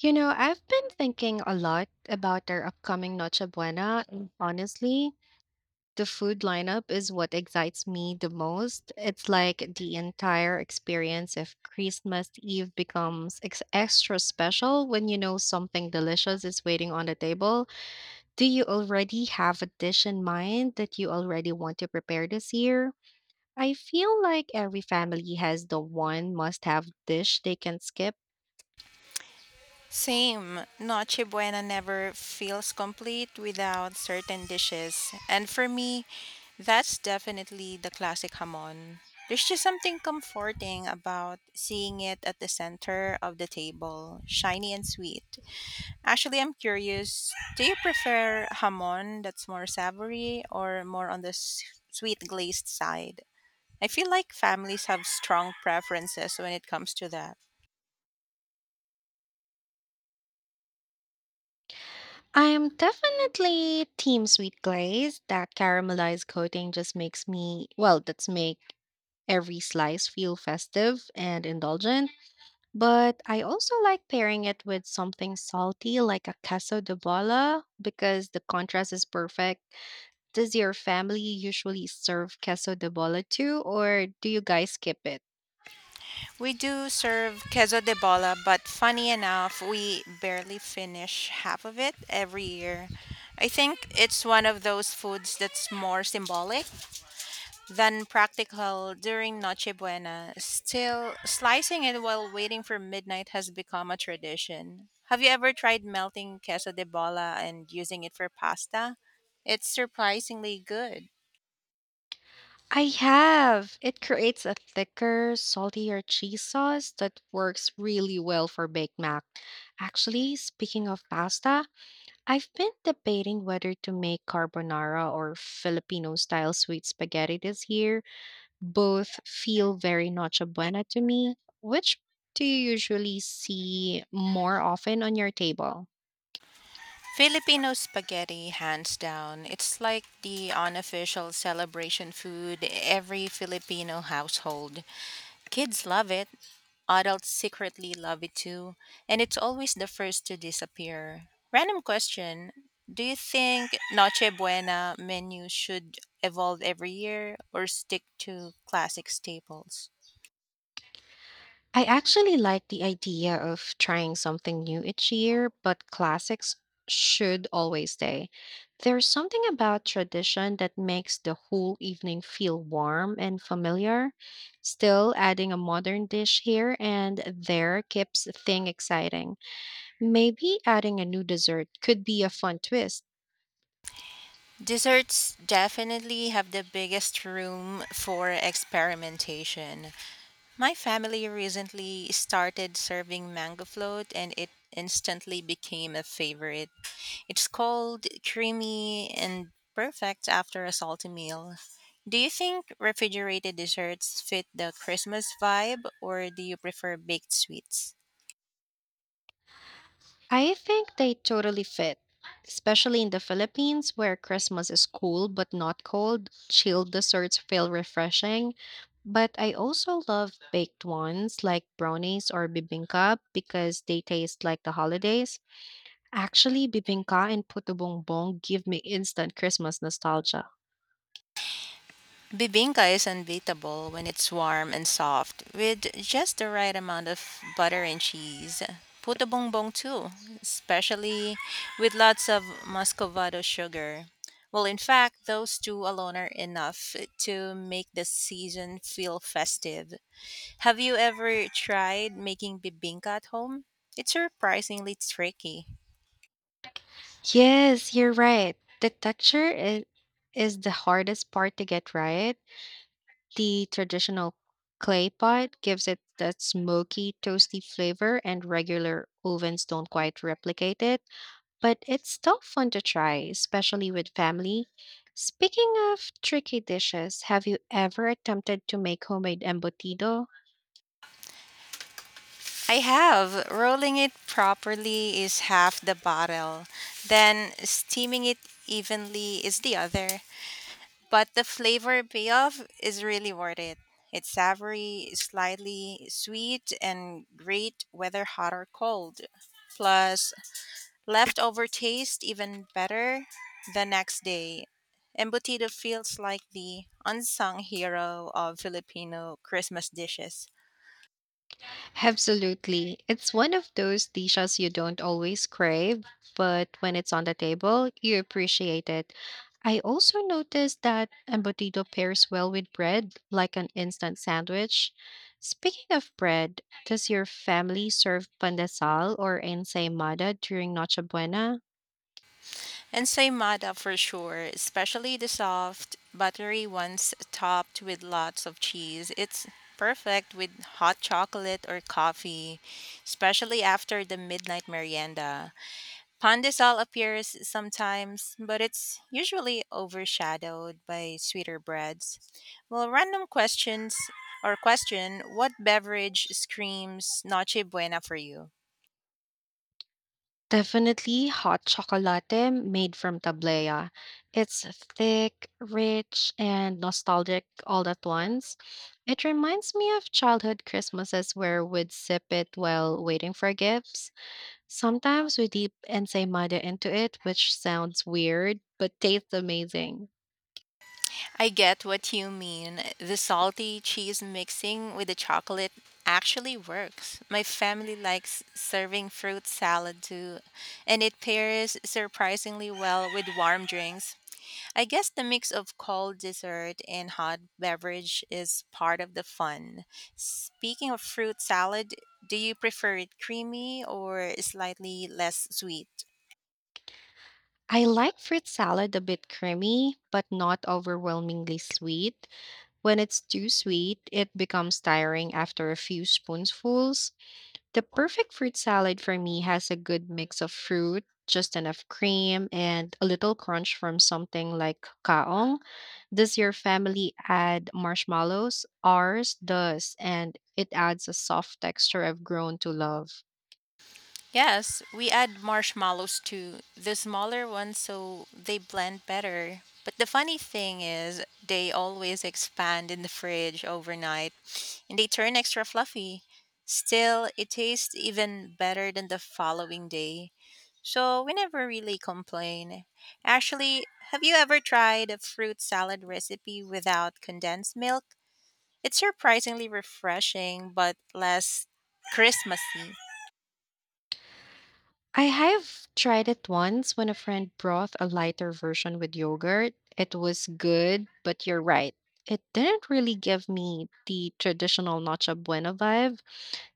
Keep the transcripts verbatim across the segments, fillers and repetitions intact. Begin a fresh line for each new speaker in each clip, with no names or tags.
You know, I've been thinking a lot about our upcoming Noche Buena, and honestly, the food lineup is what excites me the most. It's like the entire experience of Christmas Eve becomes ex- extra special when you know something delicious is waiting on the table. Do you already have a dish in mind that you already want to prepare this year? I feel like every family has the one must have dish they can skip.
Same. Noche Buena never feels complete without certain dishes. And for me, that's definitely the classic hamon. There's just something comforting about seeing it at the center of the table, shiny and sweet. Actually, I'm curious, do you prefer hamon that's more savory or more on the s- sweet glazed side? I feel like families have strong preferences when it comes to that.
I'm definitely team sweet glaze. That caramelized coating just makes me, well, that's make every slice feel festive and indulgent. But I also like pairing it with something salty like a queso de bola because the contrast is perfect. Does your family usually serve queso de bola too, or do you guys skip it?
We do serve queso de bola, but funny enough, we barely finish half of it every year. I think it's one of those foods that's more symbolic than practical during Noche Buena. Still, slicing it while waiting for midnight has become a tradition. Have you ever tried melting queso de bola and using it for pasta? It's surprisingly good.
I have. It creates a thicker, saltier cheese sauce that works really well for baked mac. Actually, speaking of pasta, I've been debating whether to make carbonara or Filipino style sweet spaghetti this year. Both feel very noche buena to me. Which do you usually see more often on your table?
Filipino spaghetti, hands down. It's like the unofficial celebration food every Filipino household. Kids love it, adults secretly love it too, and it's always the first to disappear. Random question: do you think Noche Buena menu should evolve every year or stick to classic staples?
I actually like the idea of trying something new each year, but classics should always stay. There's something about tradition that makes the whole evening feel warm and familiar. Still, adding a modern dish here and there keeps the thing exciting. Maybe adding a new dessert could be a fun twist.
Desserts definitely have the biggest room for experimentation. My family recently started serving mango float and it instantly became a favorite. It's cold, creamy, and perfect after a salty meal. Do you think refrigerated desserts fit the Christmas vibe or do you prefer baked sweets?
I think they totally fit, especially in the Philippines where Christmas is cool but not cold. Chilled desserts feel refreshing. But I also love baked ones like brownies or bibingka because they taste like the holidays. Actually, bibingka and puto bongbong give me instant Christmas nostalgia.
Bibinka is unbeatable when it's warm and soft, with just the right amount of butter and cheese. Puto bongbong too, especially with lots of muscovado sugar. Well, in fact, those two alone are enough to make the season feel festive. Have you ever tried making bibinka at home? It's surprisingly tricky.
Yes, you're right. The texture is, is the hardest part to get right. The traditional clay pot gives it that smoky, toasty flavor, and regular ovens don't quite replicate it, but it's still fun to try, especially with family. Speaking of tricky dishes, have you ever attempted to make homemade embutido?
I have. Rolling it properly is half the bottle. Then steaming it evenly is the other. But the flavor payoff is really worth it. It's savory, slightly sweet, and great whether hot or cold. Plus, leftover taste even better the next day. Embutido feels like the unsung hero of Filipino Christmas dishes.
Absolutely. It's one of those dishes you don't always crave, but when it's on the table, you appreciate it. I also noticed that embutido pairs well with bread, like an instant sandwich. Speaking of bread, does your family serve pandesal or ensaymada during Noche Buena?
And Saimada for sure, especially the soft, buttery ones topped with lots of cheese. It's perfect with hot chocolate or coffee, especially after the midnight merienda. Pandesal appears sometimes, but it's usually overshadowed by sweeter breads. Well, random questions or question, what beverage screams Noche Buena for you?
Definitely hot chocolate made from tableya. It's thick, rich, and nostalgic all at once. It reminds me of childhood Christmases where we'd sip it while waiting for gifts. Sometimes we dip ensaymada into it, which sounds weird but tastes amazing.
I get what you mean. The salty cheese mixing with the chocolate actually works. My family likes serving fruit salad too, and it pairs surprisingly well with warm drinks. I guess the mix of cold dessert and hot beverage is part of the fun. Speaking of fruit salad, do you prefer it creamy or slightly less sweet?
I like fruit salad a bit creamy, but not overwhelmingly sweet. When it's too sweet, it becomes tiring after a few spoonfuls. The perfect fruit salad for me has a good mix of fruit, just enough cream, and a little crunch from something like kaong. Does your family add marshmallows? Ours does, and it adds a soft texture I've grown to love.
Yes, we add marshmallows too, the smaller ones so they blend better. But the funny thing is, they always expand in the fridge overnight and they turn extra fluffy. Still, it tastes even better than the following day, so we never really complain. Actually, have you ever tried a fruit salad recipe without condensed milk? It's surprisingly refreshing but less Christmassy.
I have tried it once when a friend brought a lighter version with yogurt. It was good, but you're right. It didn't really give me the traditional Noche Buena vibe.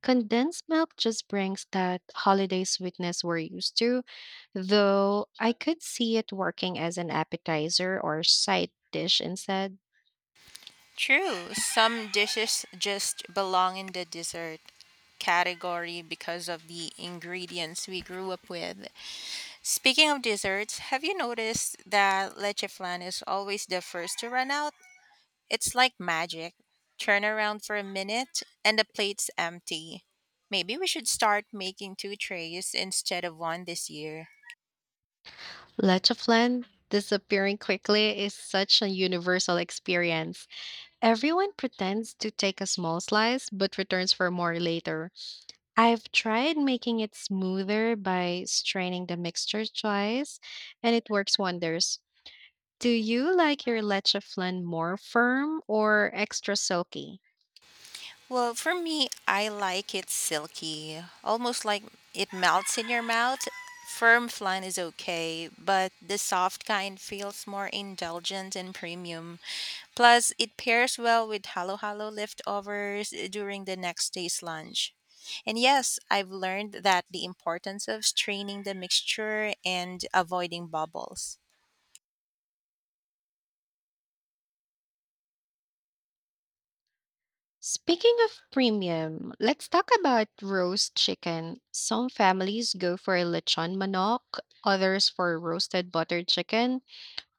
Condensed milk just brings that holiday sweetness we're used to, though I could see it working as an appetizer or side dish instead.
True, some dishes just belong in the dessert category because of the ingredients we grew up with. Speaking of desserts, have you noticed that leche flan is always the first to run out? It's like magic. Turn around for a minute and the plate's empty. Maybe we should start making two trays instead of one this year.
Leche flan disappearing quickly is such a universal experience. Everyone pretends to take a small slice but returns for more later. I've tried making it smoother by straining the mixture twice, and it works wonders. Do you like your leche flan more firm or extra silky?
Well, for me, I like it silky, almost like it melts in your mouth. Firm flan is okay, but the soft kind feels more indulgent and premium. Plus, it pairs well with halo halo leftovers during the next day's lunch. And yes, I've learned that the importance of straining the mixture and avoiding bubbles.
Speaking of premium, let's talk about roast chicken. Some families go for a lechon manok, others for roasted buttered chicken.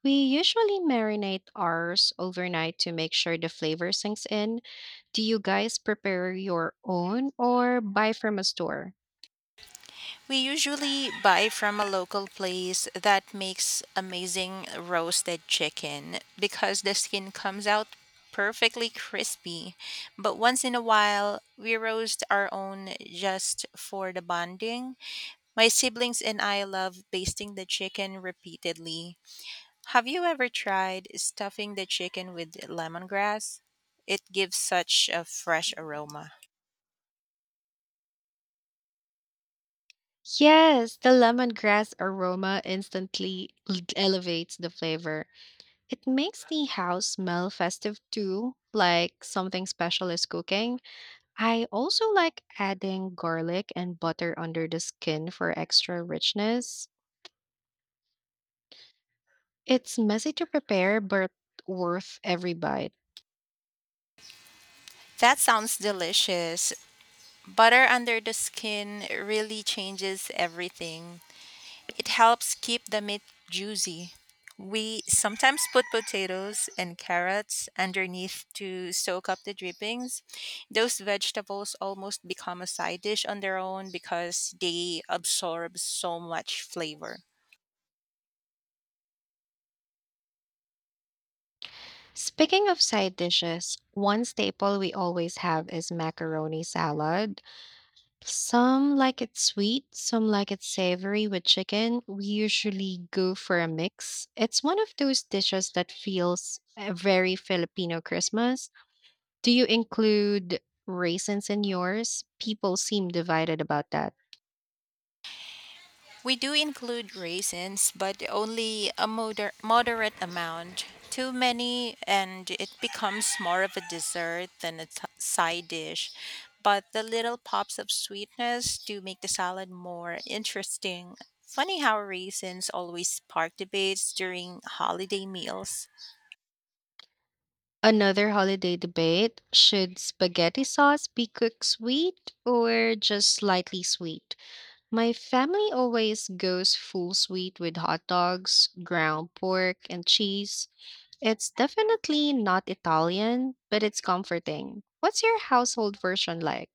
We usually marinate ours overnight to make sure the flavor sinks in. Do you guys prepare your own or buy from a store?
We usually buy from a local place that makes amazing roasted chicken because the skin comes out perfectly crispy. But once in a while, we roast our own just for the bonding. My siblings and I love basting the chicken repeatedly. Have you ever tried stuffing the chicken with lemongrass? It gives such a fresh aroma.
Yes, the lemongrass aroma instantly l- elevates the flavor. It makes the house smell festive too, like something special is cooking. I also like adding garlic and butter under the skin for extra richness. It's messy to prepare, but worth every bite.
That sounds delicious. Butter under the skin really changes everything. It helps keep the meat juicy. We sometimes put potatoes and carrots underneath to soak up the drippings. Those vegetables almost become a side dish on their own because they absorb so much flavor.
Speaking of side dishes, one staple we always have is macaroni salad. Some like it sweet, some like it savory with chicken. We usually go for a mix. It's one of those dishes that feels uh, very Filipino Christmas. Do you include raisins in yours? People seem divided about that.
We do include raisins, but only a moder- moderate amount. Too many, and it becomes more of a dessert than a t- side dish. But the little pops of sweetness do make the salad more interesting. Funny how raisins always spark debates during holiday meals.
Another holiday debate: should spaghetti sauce be cooked sweet or just slightly sweet? My family always goes full sweet with hot dogs, ground pork, and cheese. It's definitely not Italian, but it's comforting. What's your household version like?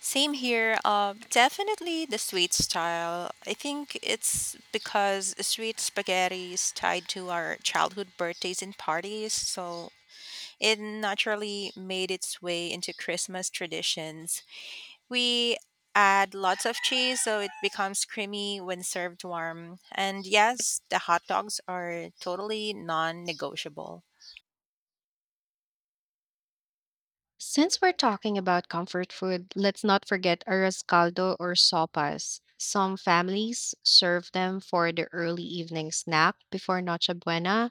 Same here. Uh, definitely the sweet style. I think it's because sweet spaghetti is tied to our childhood birthdays and parties, so it naturally made its way into Christmas traditions. We add lots of cheese so it becomes creamy when served warm. And yes, the hot dogs are totally non negotiable.
Since we're talking about comfort food, let's not forget arroz caldo or sopas. Some families serve them for the early evening snack before Noche Buena.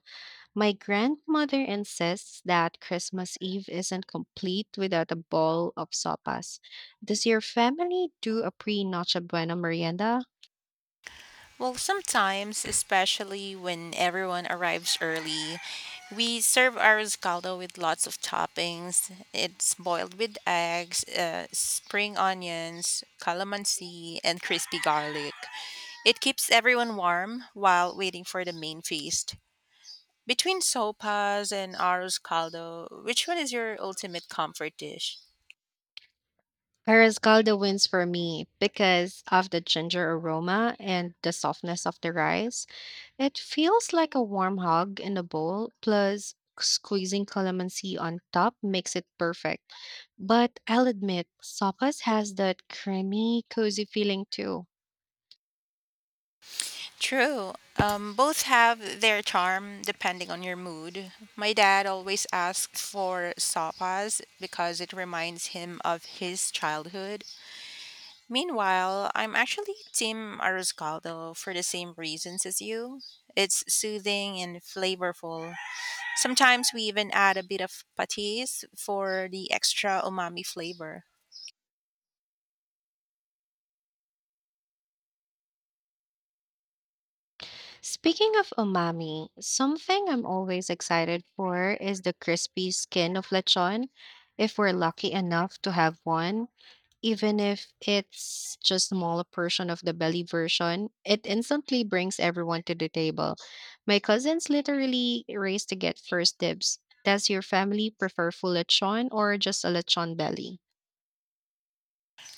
My grandmother insists that Christmas Eve isn't complete without a bowl of sopas. Does your family do a pre Noche Buena merienda?
Well, sometimes, especially when everyone arrives early, we serve our riscaldo with lots of toppings. It's boiled with eggs, uh, spring onions, calamansi, and crispy garlic. It keeps everyone warm while waiting for the main feast. Between sopas and arroz caldo, which one is your ultimate comfort dish?
Parascalda wins for me because of the ginger aroma and the softness of the rice. It feels like a warm hug in a bowl, plus squeezing calamansi on top makes it perfect. But I'll admit, sopas has that creamy, cozy feeling too.
True. Um, both have their charm depending on your mood. My dad always asks for sopas because it reminds him of his childhood. Meanwhile, I'm actually Team Arroscaldo for the same reasons as you. It's soothing and flavorful. Sometimes we even add a bit of patis for the extra umami flavor.
Speaking of umami, something I'm always excited for is the crispy skin of lechon, if we're lucky enough to have one. Even if it's just a smaller portion of the belly version, it instantly brings everyone to the table. My cousins literally race to get first dibs. Does your family prefer full lechon or just a lechon belly?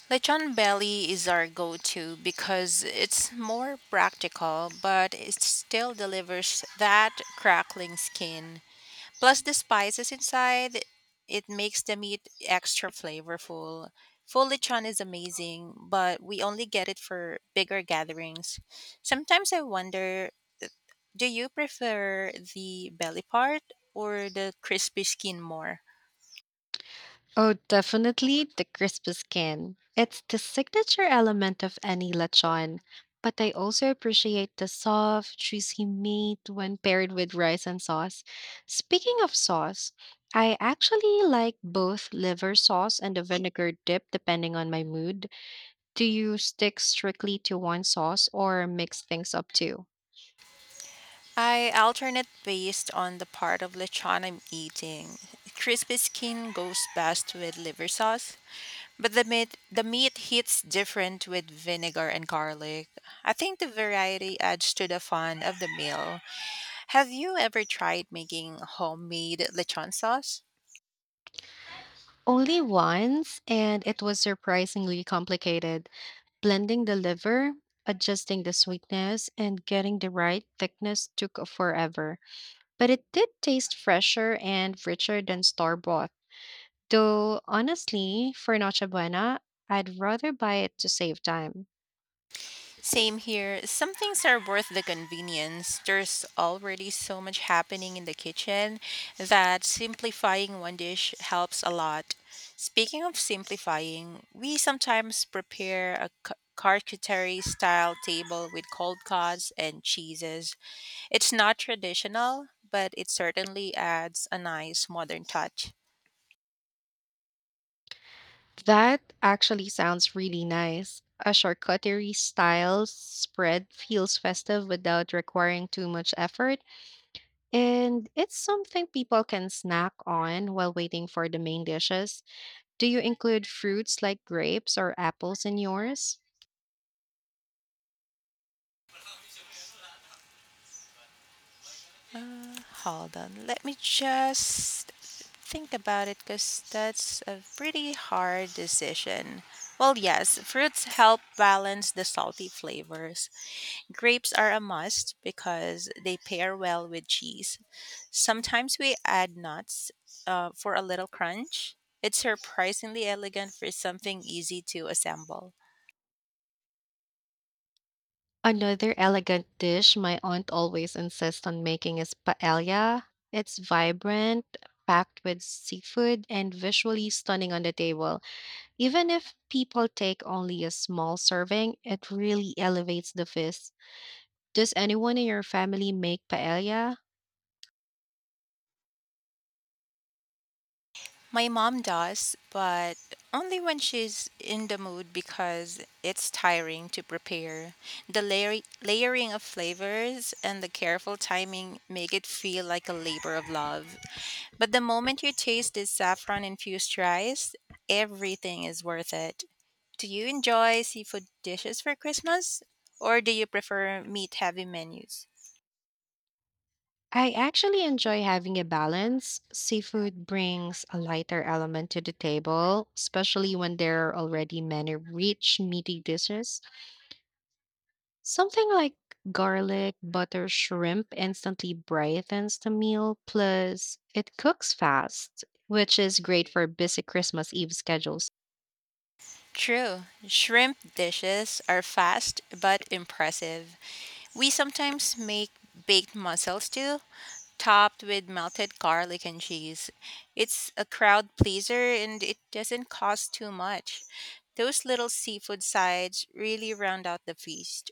Lechon belly is our go to because it's more practical, but it still delivers that crackling skin. Plus, the spices inside, it makes the meat extra flavorful. Full lechon is amazing, but we only get it for bigger gatherings. Sometimes I wonder, do you prefer the belly part or the crispy skin more?
Oh, definitely the crisp skin. It's the signature element of any lechon, but I also appreciate the soft, juicy meat when paired with rice and sauce. Speaking of sauce, I actually like both liver sauce and the vinegar dip depending on my mood. Do you stick strictly to one sauce or mix things up too?
I alternate based on the part of lechon I'm eating. Crispy skin goes best with liver sauce, but the meat the meat hits different with vinegar and garlic. I think the variety adds to the fun of the meal. Have you ever tried making homemade lechon sauce?
Only once, and it was surprisingly complicated. Blending the liver, adjusting the sweetness, and getting the right thickness took forever, but it did taste fresher and richer than store bought. Though honestly, for Noche Buena, I'd rather buy it to save time.
Same here. Some things are worth the convenience. There's already so much happening in the kitchen that simplifying one dish helps a lot. Speaking of simplifying, we sometimes prepare a ca- charcuterie style table with cold cuts and cheeses. It's not traditional, but it certainly adds a nice modern touch.
That actually sounds really nice. A charcuterie style spread feels festive without requiring too much effort, and it's something people can snack on while waiting for the main dishes. Do you include fruits like grapes or apples in yours?
Hold on. Let me just think about it because that's a pretty hard decision. Well, yes, fruits help balance the salty flavors. Grapes are a must because they pair well with cheese. Sometimes we add nuts, uh, for a little crunch. It's surprisingly elegant for something easy to assemble.
Another elegant dish my aunt always insists on making is paella. It's vibrant, packed with seafood, and visually stunning on the table. Even if people take only a small serving, it really elevates the feast. Does anyone in your family make paella?
My mom does, but only when she's in the mood because it's tiring to prepare. The layer- layering of flavors and the careful timing make it feel like a labor of love. But the moment you taste this saffron infused rice, everything is worth it. Do you enjoy seafood dishes for Christmas, or do you prefer meat heavy menus?
I actually enjoy having a balance. Seafood brings a lighter element to the table, especially when there are already many rich, meaty dishes. Something like garlic, butter, shrimp instantly brightens the meal, plus, it cooks fast, which is great for busy Christmas Eve schedules.
True. Shrimp dishes are fast but impressive. We sometimes make baked mussels too, topped with melted garlic and cheese. It's a crowd pleaser and it doesn't cost too much. Those little seafood sides really round out the feast.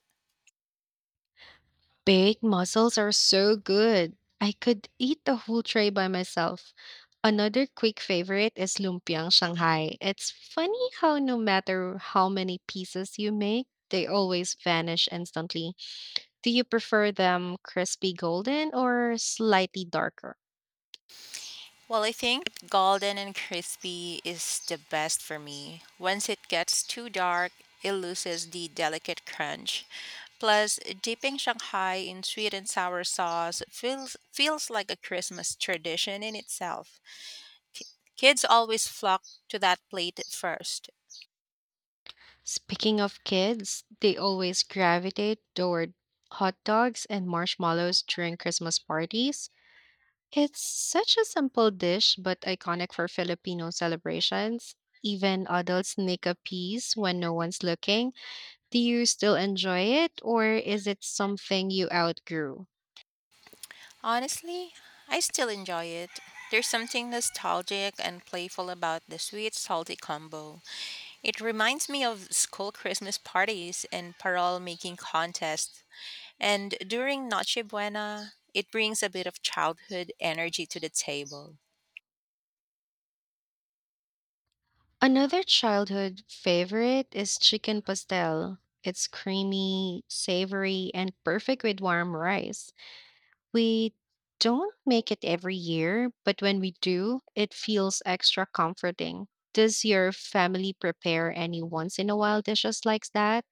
Baked mussels are so good. I could eat the whole tray by myself. Another quick favorite is lumpiang Shanghai. It's funny how no matter how many pieces you make, they always vanish instantly. Do you prefer them crispy golden or slightly darker?
Well, I think golden and crispy is the best for me. Once it gets too dark, it loses the delicate crunch. Plus, dipping Shanghai in sweet and sour sauce feels feels like a Christmas tradition in itself. Kids always flock to that plate first.
Speaking of kids, they always gravitate toward hot dogs and marshmallows during Christmas parties. It's such a simple dish, but iconic for Filipino celebrations. Even adults nick a piece when no one's looking. Do you still enjoy it, or is it something you outgrew?
Honestly, I still enjoy it. There's something nostalgic and playful about the sweet salty combo. It reminds me of school Christmas parties and parole making contests. And during Noche Buena, it brings a bit of childhood energy to the table.
Another childhood favorite is chicken pastel. It's creamy, savory, and perfect with warm rice. We don't make it every year, but when we do, it feels extra comforting. Does your family prepare any once in a while dishes like that?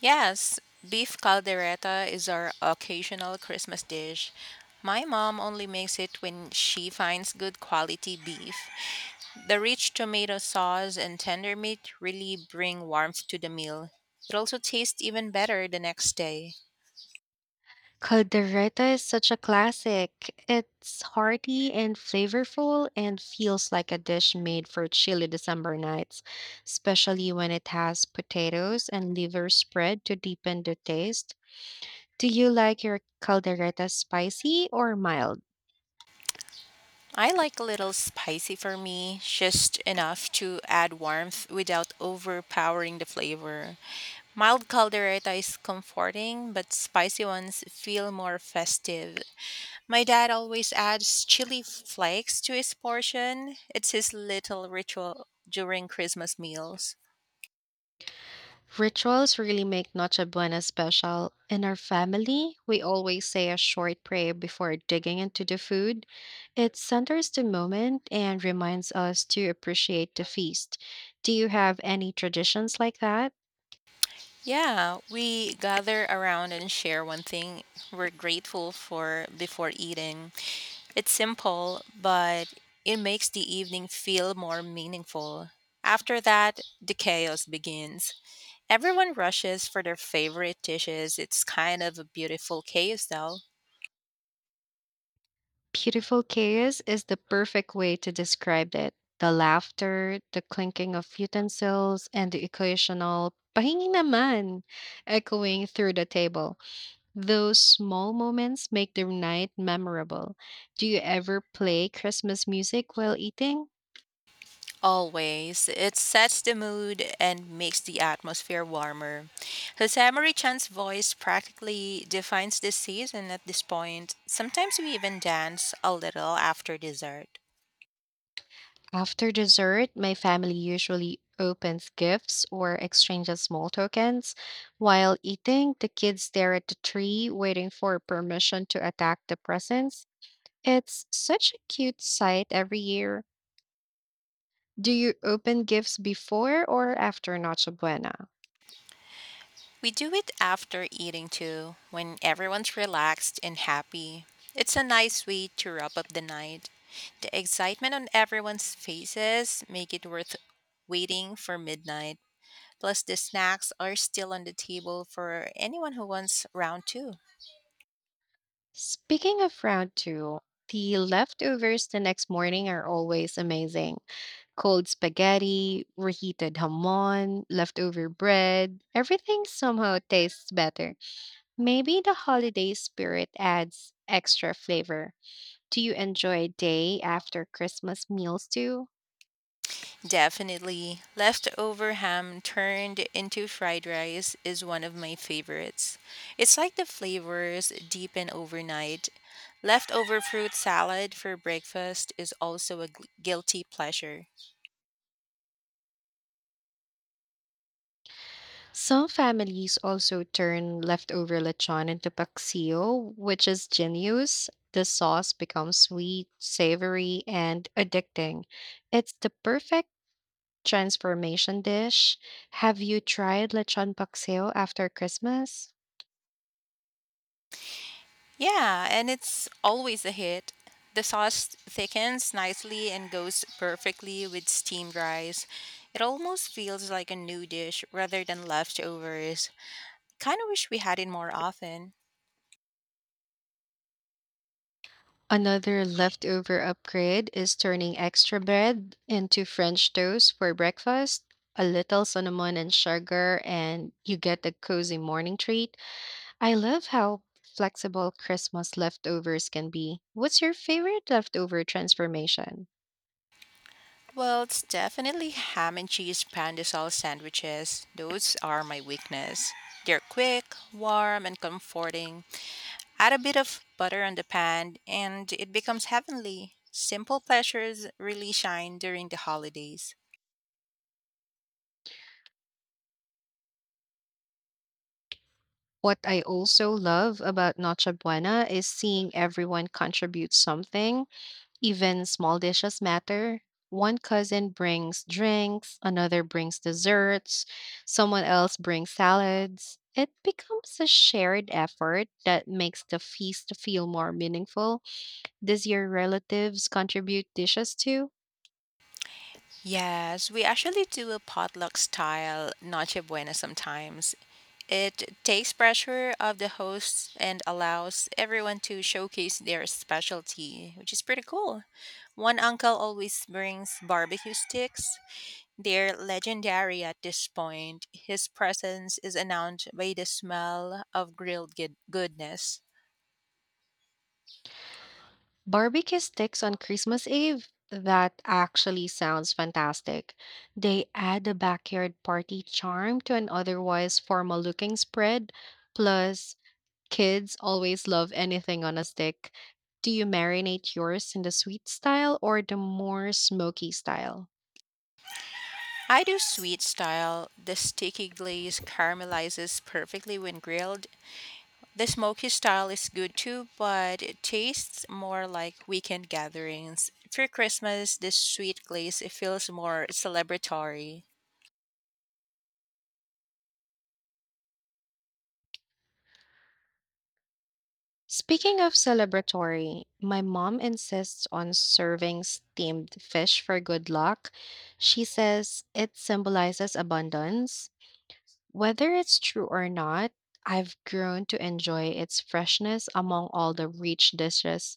Yes, beef caldereta is our occasional Christmas dish. My mom only makes it when she finds good quality beef. The rich tomato sauce and tender meat really bring warmth to the meal. It also tastes even better the next day.
Caldereta is such a classic. It's hearty and flavorful and feels like a dish made for chilly December nights, especially when it has potatoes and liver spread to deepen the taste. Do you like your caldereta spicy or mild?
I like a little spicy for me, just enough to add warmth without overpowering the flavor. Mild caldereta is comforting, but spicy ones feel more festive. My dad always adds chili flakes to his portion. It's his little ritual during Christmas meals.
Rituals really make Noche Buena special. In our family, we always say a short prayer before digging into the food. It centers the moment and reminds us to appreciate the feast. Do you have any traditions like that?
Yeah, we gather around and share one thing we're grateful for before eating. It's simple, but it makes the evening feel more meaningful. After that, the chaos begins. Everyone rushes for their favorite dishes. It's kind of a beautiful chaos, though.
Beautiful chaos is the perfect way to describe it. The laughter, the clinking of utensils, and the occasional pahingi naman echoing through the table. Those small moments make the night memorable. Do you ever play Christmas music while eating?
Always. It sets the mood and makes the atmosphere warmer. Hosamari Chan's voice practically defines the season at this point. Sometimes we even dance a little after dessert.
After dessert, my family usually opens gifts or exchanges small tokens. While eating, the kids stare at the tree, waiting for permission to attack the presents. It's such a cute sight every year. Do you open gifts before or after Noche Buena?
We do it after eating too, when everyone's relaxed and happy. It's a nice way to wrap up the night. The excitement on everyone's faces make it worth waiting for midnight. Plus, the snacks are still on the table for anyone who wants round two.
Speaking of round two, the leftovers the next morning are always amazing. Cold spaghetti, reheated hamon, leftover bread, everything somehow tastes better. Maybe the holiday spirit adds extra flavor. Do you enjoy day after Christmas meals too?
Definitely. Leftover ham turned into fried rice is one of my favorites. It's like the flavors deepen overnight. Leftover fruit salad for breakfast is also a gu- guilty pleasure.
Some families also turn leftover lechon into paksiyo, which is genius. The sauce becomes sweet, savory, and addicting. It's the perfect transformation dish. Have you tried lechon paksiyo after Christmas?
Yeah, and it's always a hit. The sauce thickens nicely and goes perfectly with steamed rice. It almost feels like a new dish rather than leftovers. Kind of wish we had it more often.
Another leftover upgrade is turning extra bread into French toast for breakfast. A little cinnamon and sugar, and you get a cozy morning treat. I love how flexible Christmas leftovers can be. What's your favorite leftover transformation?
Well, it's definitely ham and cheese pandesal sandwiches. Those are my weakness. They're quick, warm, and comforting. Add a bit of butter on the pan, and it becomes heavenly. Simple pleasures really shine during the holidays.
What I also love about Noche Buena is seeing everyone contribute something. Even small dishes matter. One cousin brings drinks, another brings desserts, someone else brings salads. It becomes a shared effort that makes the feast feel more meaningful. Does your relatives contribute dishes too?
Yes, we actually do a potluck style Noche Buena sometimes. It takes pressure off the hosts and allows everyone to showcase their specialty, which is pretty cool. One uncle always brings barbecue sticks. They're legendary at this point. His presence is announced by the smell of grilled good- goodness.
Barbecue sticks on Christmas Eve? That actually sounds fantastic. They add a backyard party charm to an otherwise formal looking spread. Plus, kids always love anything on a stick. Do you marinate yours in the sweet style or the more smoky style?
I do sweet style. The sticky glaze caramelizes perfectly when grilled. The smoky style is good too, but it tastes more like weekend gatherings. For Christmas, this sweet glaze it feels more celebratory.
Speaking of celebratory, my mom insists on serving steamed fish for good luck. She says it symbolizes abundance. Whether it's true or not, I've grown to enjoy its freshness among all the rich dishes.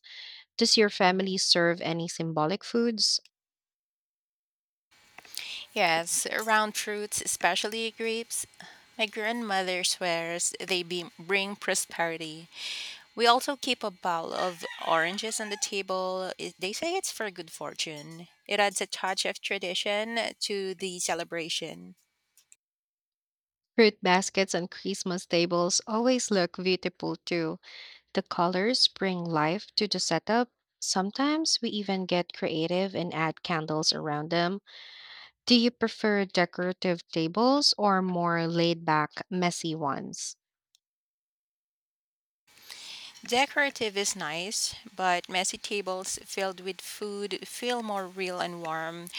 Does your family serve any symbolic foods?
Yes, round fruits, especially grapes. My grandmother swears they be- bring prosperity. We also keep a bowl of oranges on the table. It- They say it's for good fortune. It adds a touch of tradition to the celebration.
Fruit baskets and Christmas tables always look beautiful too. The colors bring life to the setup. Sometimes we even get creative and add candles around them. Do you prefer decorative tables or more laid back, messy ones?
Decorative is nice, but messy tables filled with food feel more real and warm.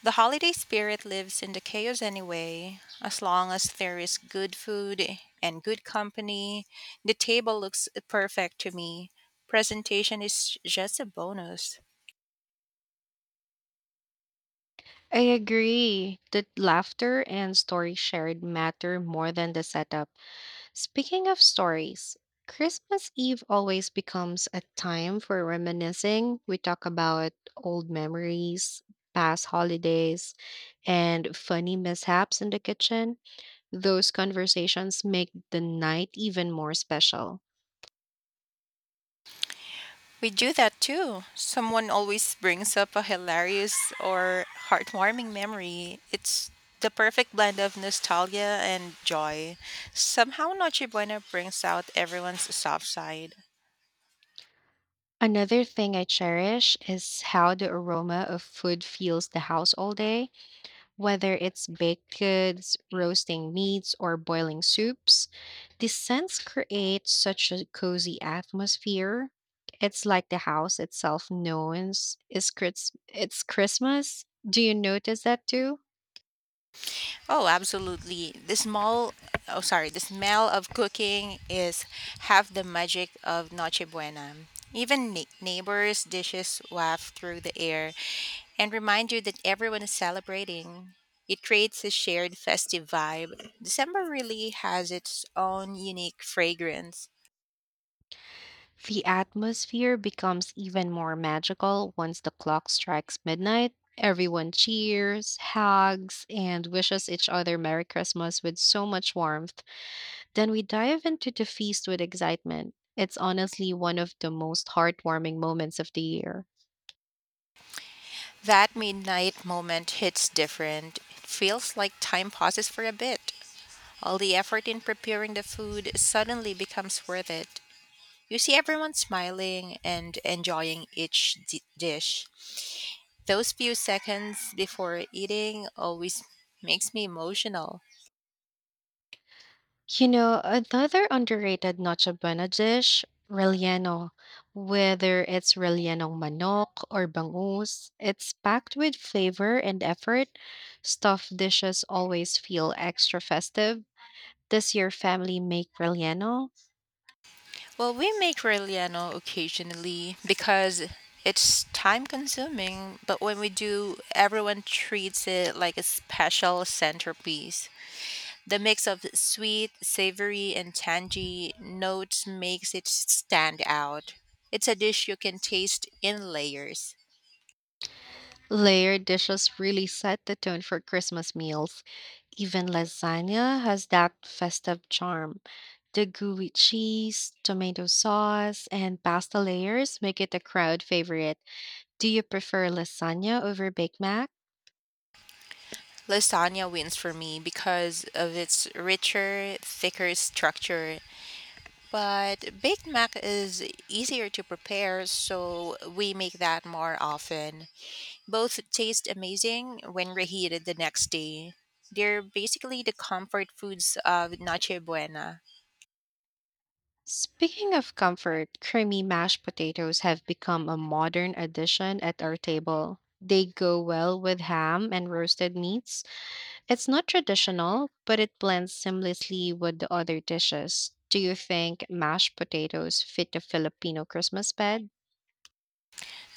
The holiday spirit lives in the chaos anyway. As long as there is good food and good company, the table looks perfect to me. Presentation is just a bonus.
I agree that laughter and story shared matter more than the setup. Speaking of stories, Christmas Eve always becomes a time for reminiscing. We talk about old memories, past holidays, and funny mishaps in the kitchen. Those conversations make the night even more special.
We do that too. Someone always brings up a hilarious or heartwarming memory. It's the perfect blend of nostalgia and joy. Somehow Noche Buena brings out everyone's soft side.
Another thing I cherish is how the aroma of food fills the house all day. Whether it's baked goods, roasting meats, or boiling soups, the scents create such a cozy atmosphere. It's like the house itself knows it's, Chris- it's Christmas. Do you notice that too?
Oh, absolutely. The small, oh, sorry, The smell of cooking is half the magic of Noche Buena. Even ne- neighbors' dishes waft through the air and remind you that everyone is celebrating. It creates a shared festive vibe. December really has its own unique fragrance.
The atmosphere becomes even more magical once the clock strikes midnight. Everyone cheers, hugs, and wishes each other Merry Christmas with so much warmth. Then we dive into the feast with excitement. It's honestly one of the most heartwarming moments of the year.
That midnight moment hits different. It feels like time pauses for a bit. All the effort in preparing the food suddenly becomes worth it. You see everyone smiling and enjoying each di- dish. Those few seconds before eating always makes me emotional.
You know, another underrated Noche Buena dish, relleno. Whether it's rellenong manok or bangus, it's packed with flavor and effort. Stuffed dishes always feel extra festive. This year, family make relleno.
Well, we make Reliano occasionally because it's time consuming, but when we do, everyone treats it like a special centerpiece. The mix of sweet, savory, and tangy notes makes it stand out. It's a dish you can taste in layers.
Layered dishes really set the tone for Christmas meals. Even lasagna has that festive charm. The gooey cheese, tomato sauce, and pasta layers make it a crowd favorite. Do you prefer lasagna over Big Mac?
Lasagna wins for me because of its richer, thicker structure. But baked mac is easier to prepare, so we make that more often. Both taste amazing when reheated the next day. They're basically the comfort foods of Noche Buena.
Speaking of comfort, creamy mashed potatoes have become a modern addition at our table. They go well with ham and roasted meats. It's not traditional, but it blends seamlessly with the other dishes. Do you think mashed potatoes fit the Filipino Christmas bed?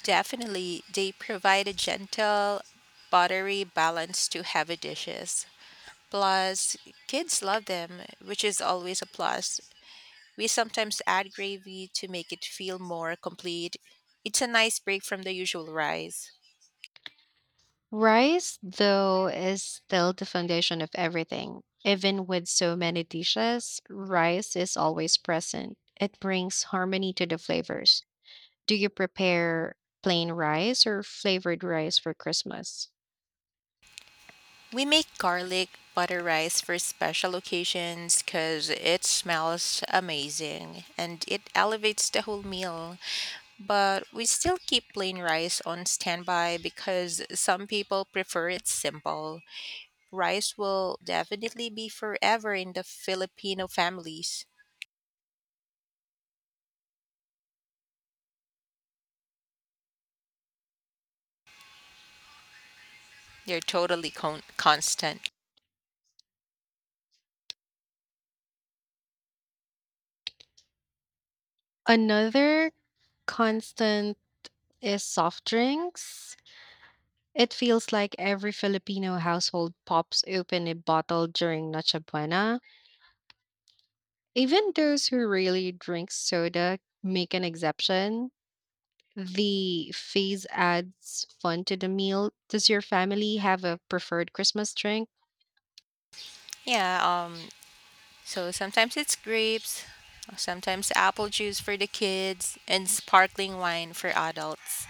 Definitely, they provide a gentle, buttery balance to heavy dishes. Plus, kids love them, which is always a plus. We sometimes add gravy to make it feel more complete. It's a nice break from the usual rice.
Rice, though, is still the foundation of everything. Even with so many dishes, rice is always present. It brings harmony to the flavors. Do you prepare plain rice or flavored rice for Christmas?
We make garlic butter rice for special occasions because it smells amazing and it elevates the whole meal. But we still keep plain rice on standby because some people prefer it simple. Rice will definitely be forever in the Filipino families. They're totally con- constant.
Another constant is soft drinks. It feels like every Filipino household pops open a bottle during Noche Buena. Even those who really drink soda make an exception. The phase adds fun to the meal. Does your family have a preferred Christmas drink?
Yeah, um, So sometimes it's grapes, sometimes apple juice for the kids, and sparkling wine for adults.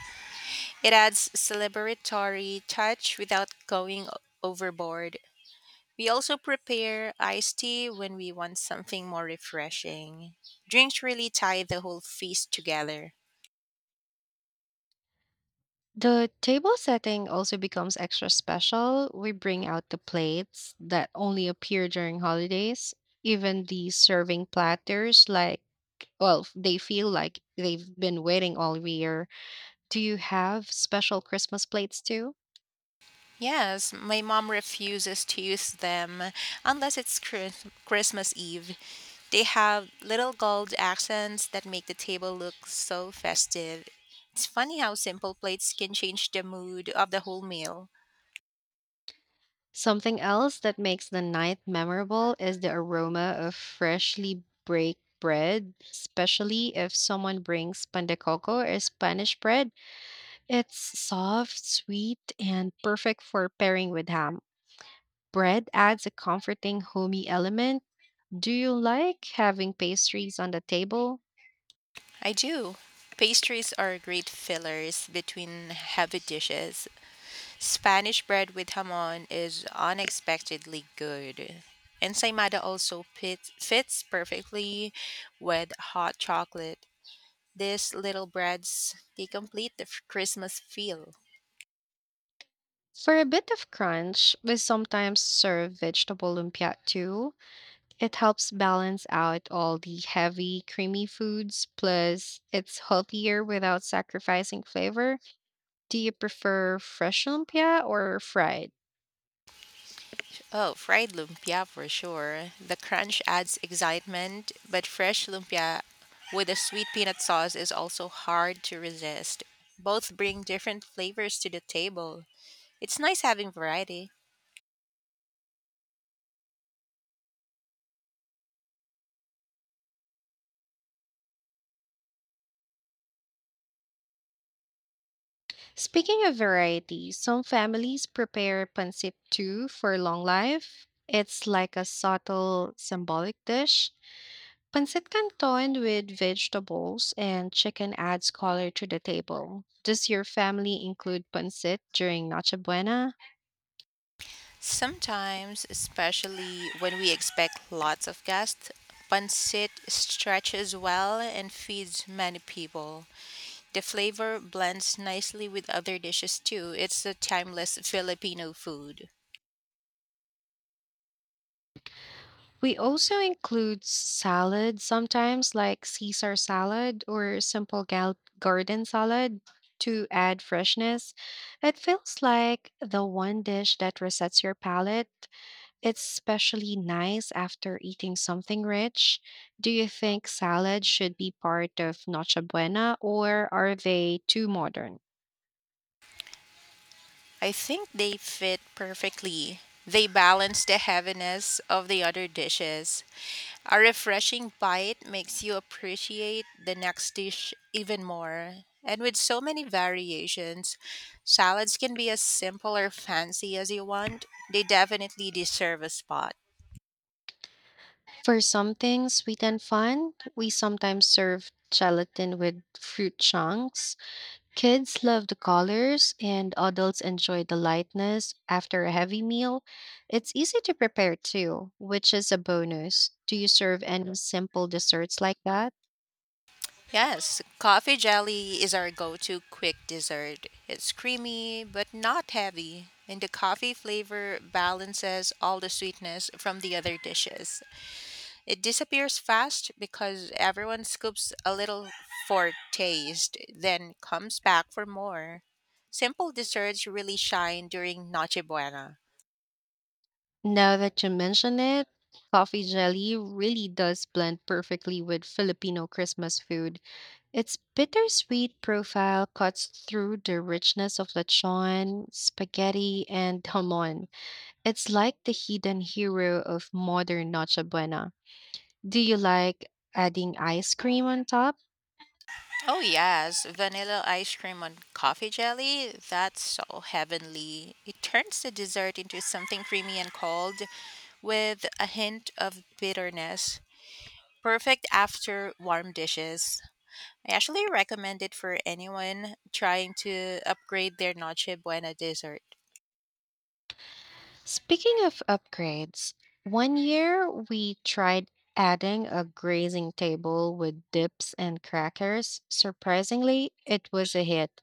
It adds celebratory touch without going o- overboard. We also prepare iced tea when we want something more refreshing. Drinks really tie the whole feast together.
The table setting also becomes extra special. We bring out the plates that only appear during holidays, even the serving platters, like, well, they feel like they've been waiting all year. Do you have special Christmas plates too?
Yes, my mom refuses to use them unless it's Chris- Christmas Eve. They have little gold accents that make the table look so festive. It's funny how simple plates can change the mood of the whole meal.
Something else that makes the night memorable is the aroma of freshly baked bread, especially if someone brings pan de coco or Spanish bread. It's soft, sweet, and perfect for pairing with ham. Bread adds a comforting, homey element. Do you like having pastries on the table?
I do. Pastries are great fillers between heavy dishes. Spanish bread with hamon is unexpectedly good. Ensaymada also fit, fits perfectly with hot chocolate. These little breads, they complete the f- Christmas feel.
For a bit of crunch, we sometimes serve vegetable lumpia too. It helps balance out all the heavy, creamy foods, plus, it's healthier without sacrificing flavor. Do you prefer fresh lumpia or fried?
Oh, fried lumpia for sure. The crunch adds excitement, but fresh lumpia with a sweet peanut sauce is also hard to resist. Both bring different flavors to the table. It's nice having variety.
Speaking of variety, some families prepare pancit too for long life. It's like a subtle symbolic dish. Pancit canton with vegetables and chicken adds color to the table. Does your family include pancit during Noche Buena?
Sometimes, especially when we expect lots of guests, pancit stretches well and feeds many people. The flavor blends nicely with other dishes too. It's a timeless Filipino food.
We also include salad sometimes, like Caesar salad or simple gal- garden salad to add freshness. It feels like the one dish that resets your palate. It's especially nice after eating something rich. Do you think salad should be part of Noche Buena or are they too modern?
I think they fit perfectly. They balance the heaviness of the other dishes. A refreshing bite makes you appreciate the next dish even more. And with so many variations, salads can be as simple or fancy as you want. They definitely deserve a spot.
For something sweet and fun, we sometimes serve gelatin with fruit chunks. Kids love the colors, and adults enjoy the lightness after a heavy meal. It's easy to prepare too, which is a bonus. Do you serve any simple desserts like that?
Yes, coffee jelly is our go to quick dessert. It's creamy but not heavy, and the coffee flavor balances all the sweetness from the other dishes. It disappears fast because everyone scoops a little for taste, then comes back for more. Simple desserts really shine during Noche Buena.
Now that you mention it, coffee jelly really does blend perfectly with Filipino Christmas food. Its bittersweet profile cuts through the richness of lechon, spaghetti, and hamon. It's like the hidden hero of modern Noche Buena. Do you like adding ice cream on top?
Oh, yes, vanilla ice cream on coffee jelly. That's so heavenly. It turns the dessert into something creamy and cold with a hint of bitterness. Perfect after warm dishes. I actually recommend it for anyone trying to upgrade their Noche Buena dessert.
Speaking of upgrades, one year we tried adding a grazing table with dips and crackers. Surprisingly, it was a hit.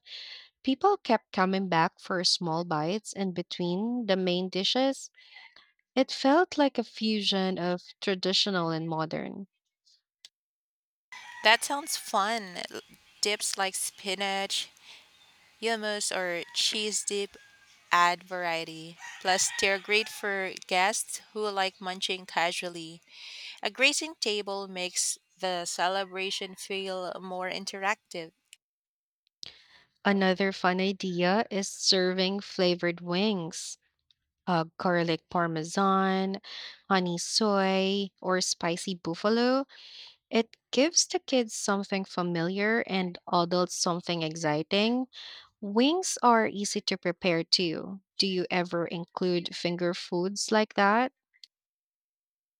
People kept coming back for small bites in between the main dishes. It felt like a fusion of traditional and modern.
That sounds fun. L- Dips like spinach, Hummus or cheese dip add variety. Plus, they're great for guests who like munching casually. A grazing table makes the celebration feel more interactive.
Another fun idea is serving flavored wings. Uh, garlic parmesan, honey soy, or spicy buffalo, it gives the kids something familiar and adults something exciting. Wings are easy to prepare too. Do you ever include finger foods like that?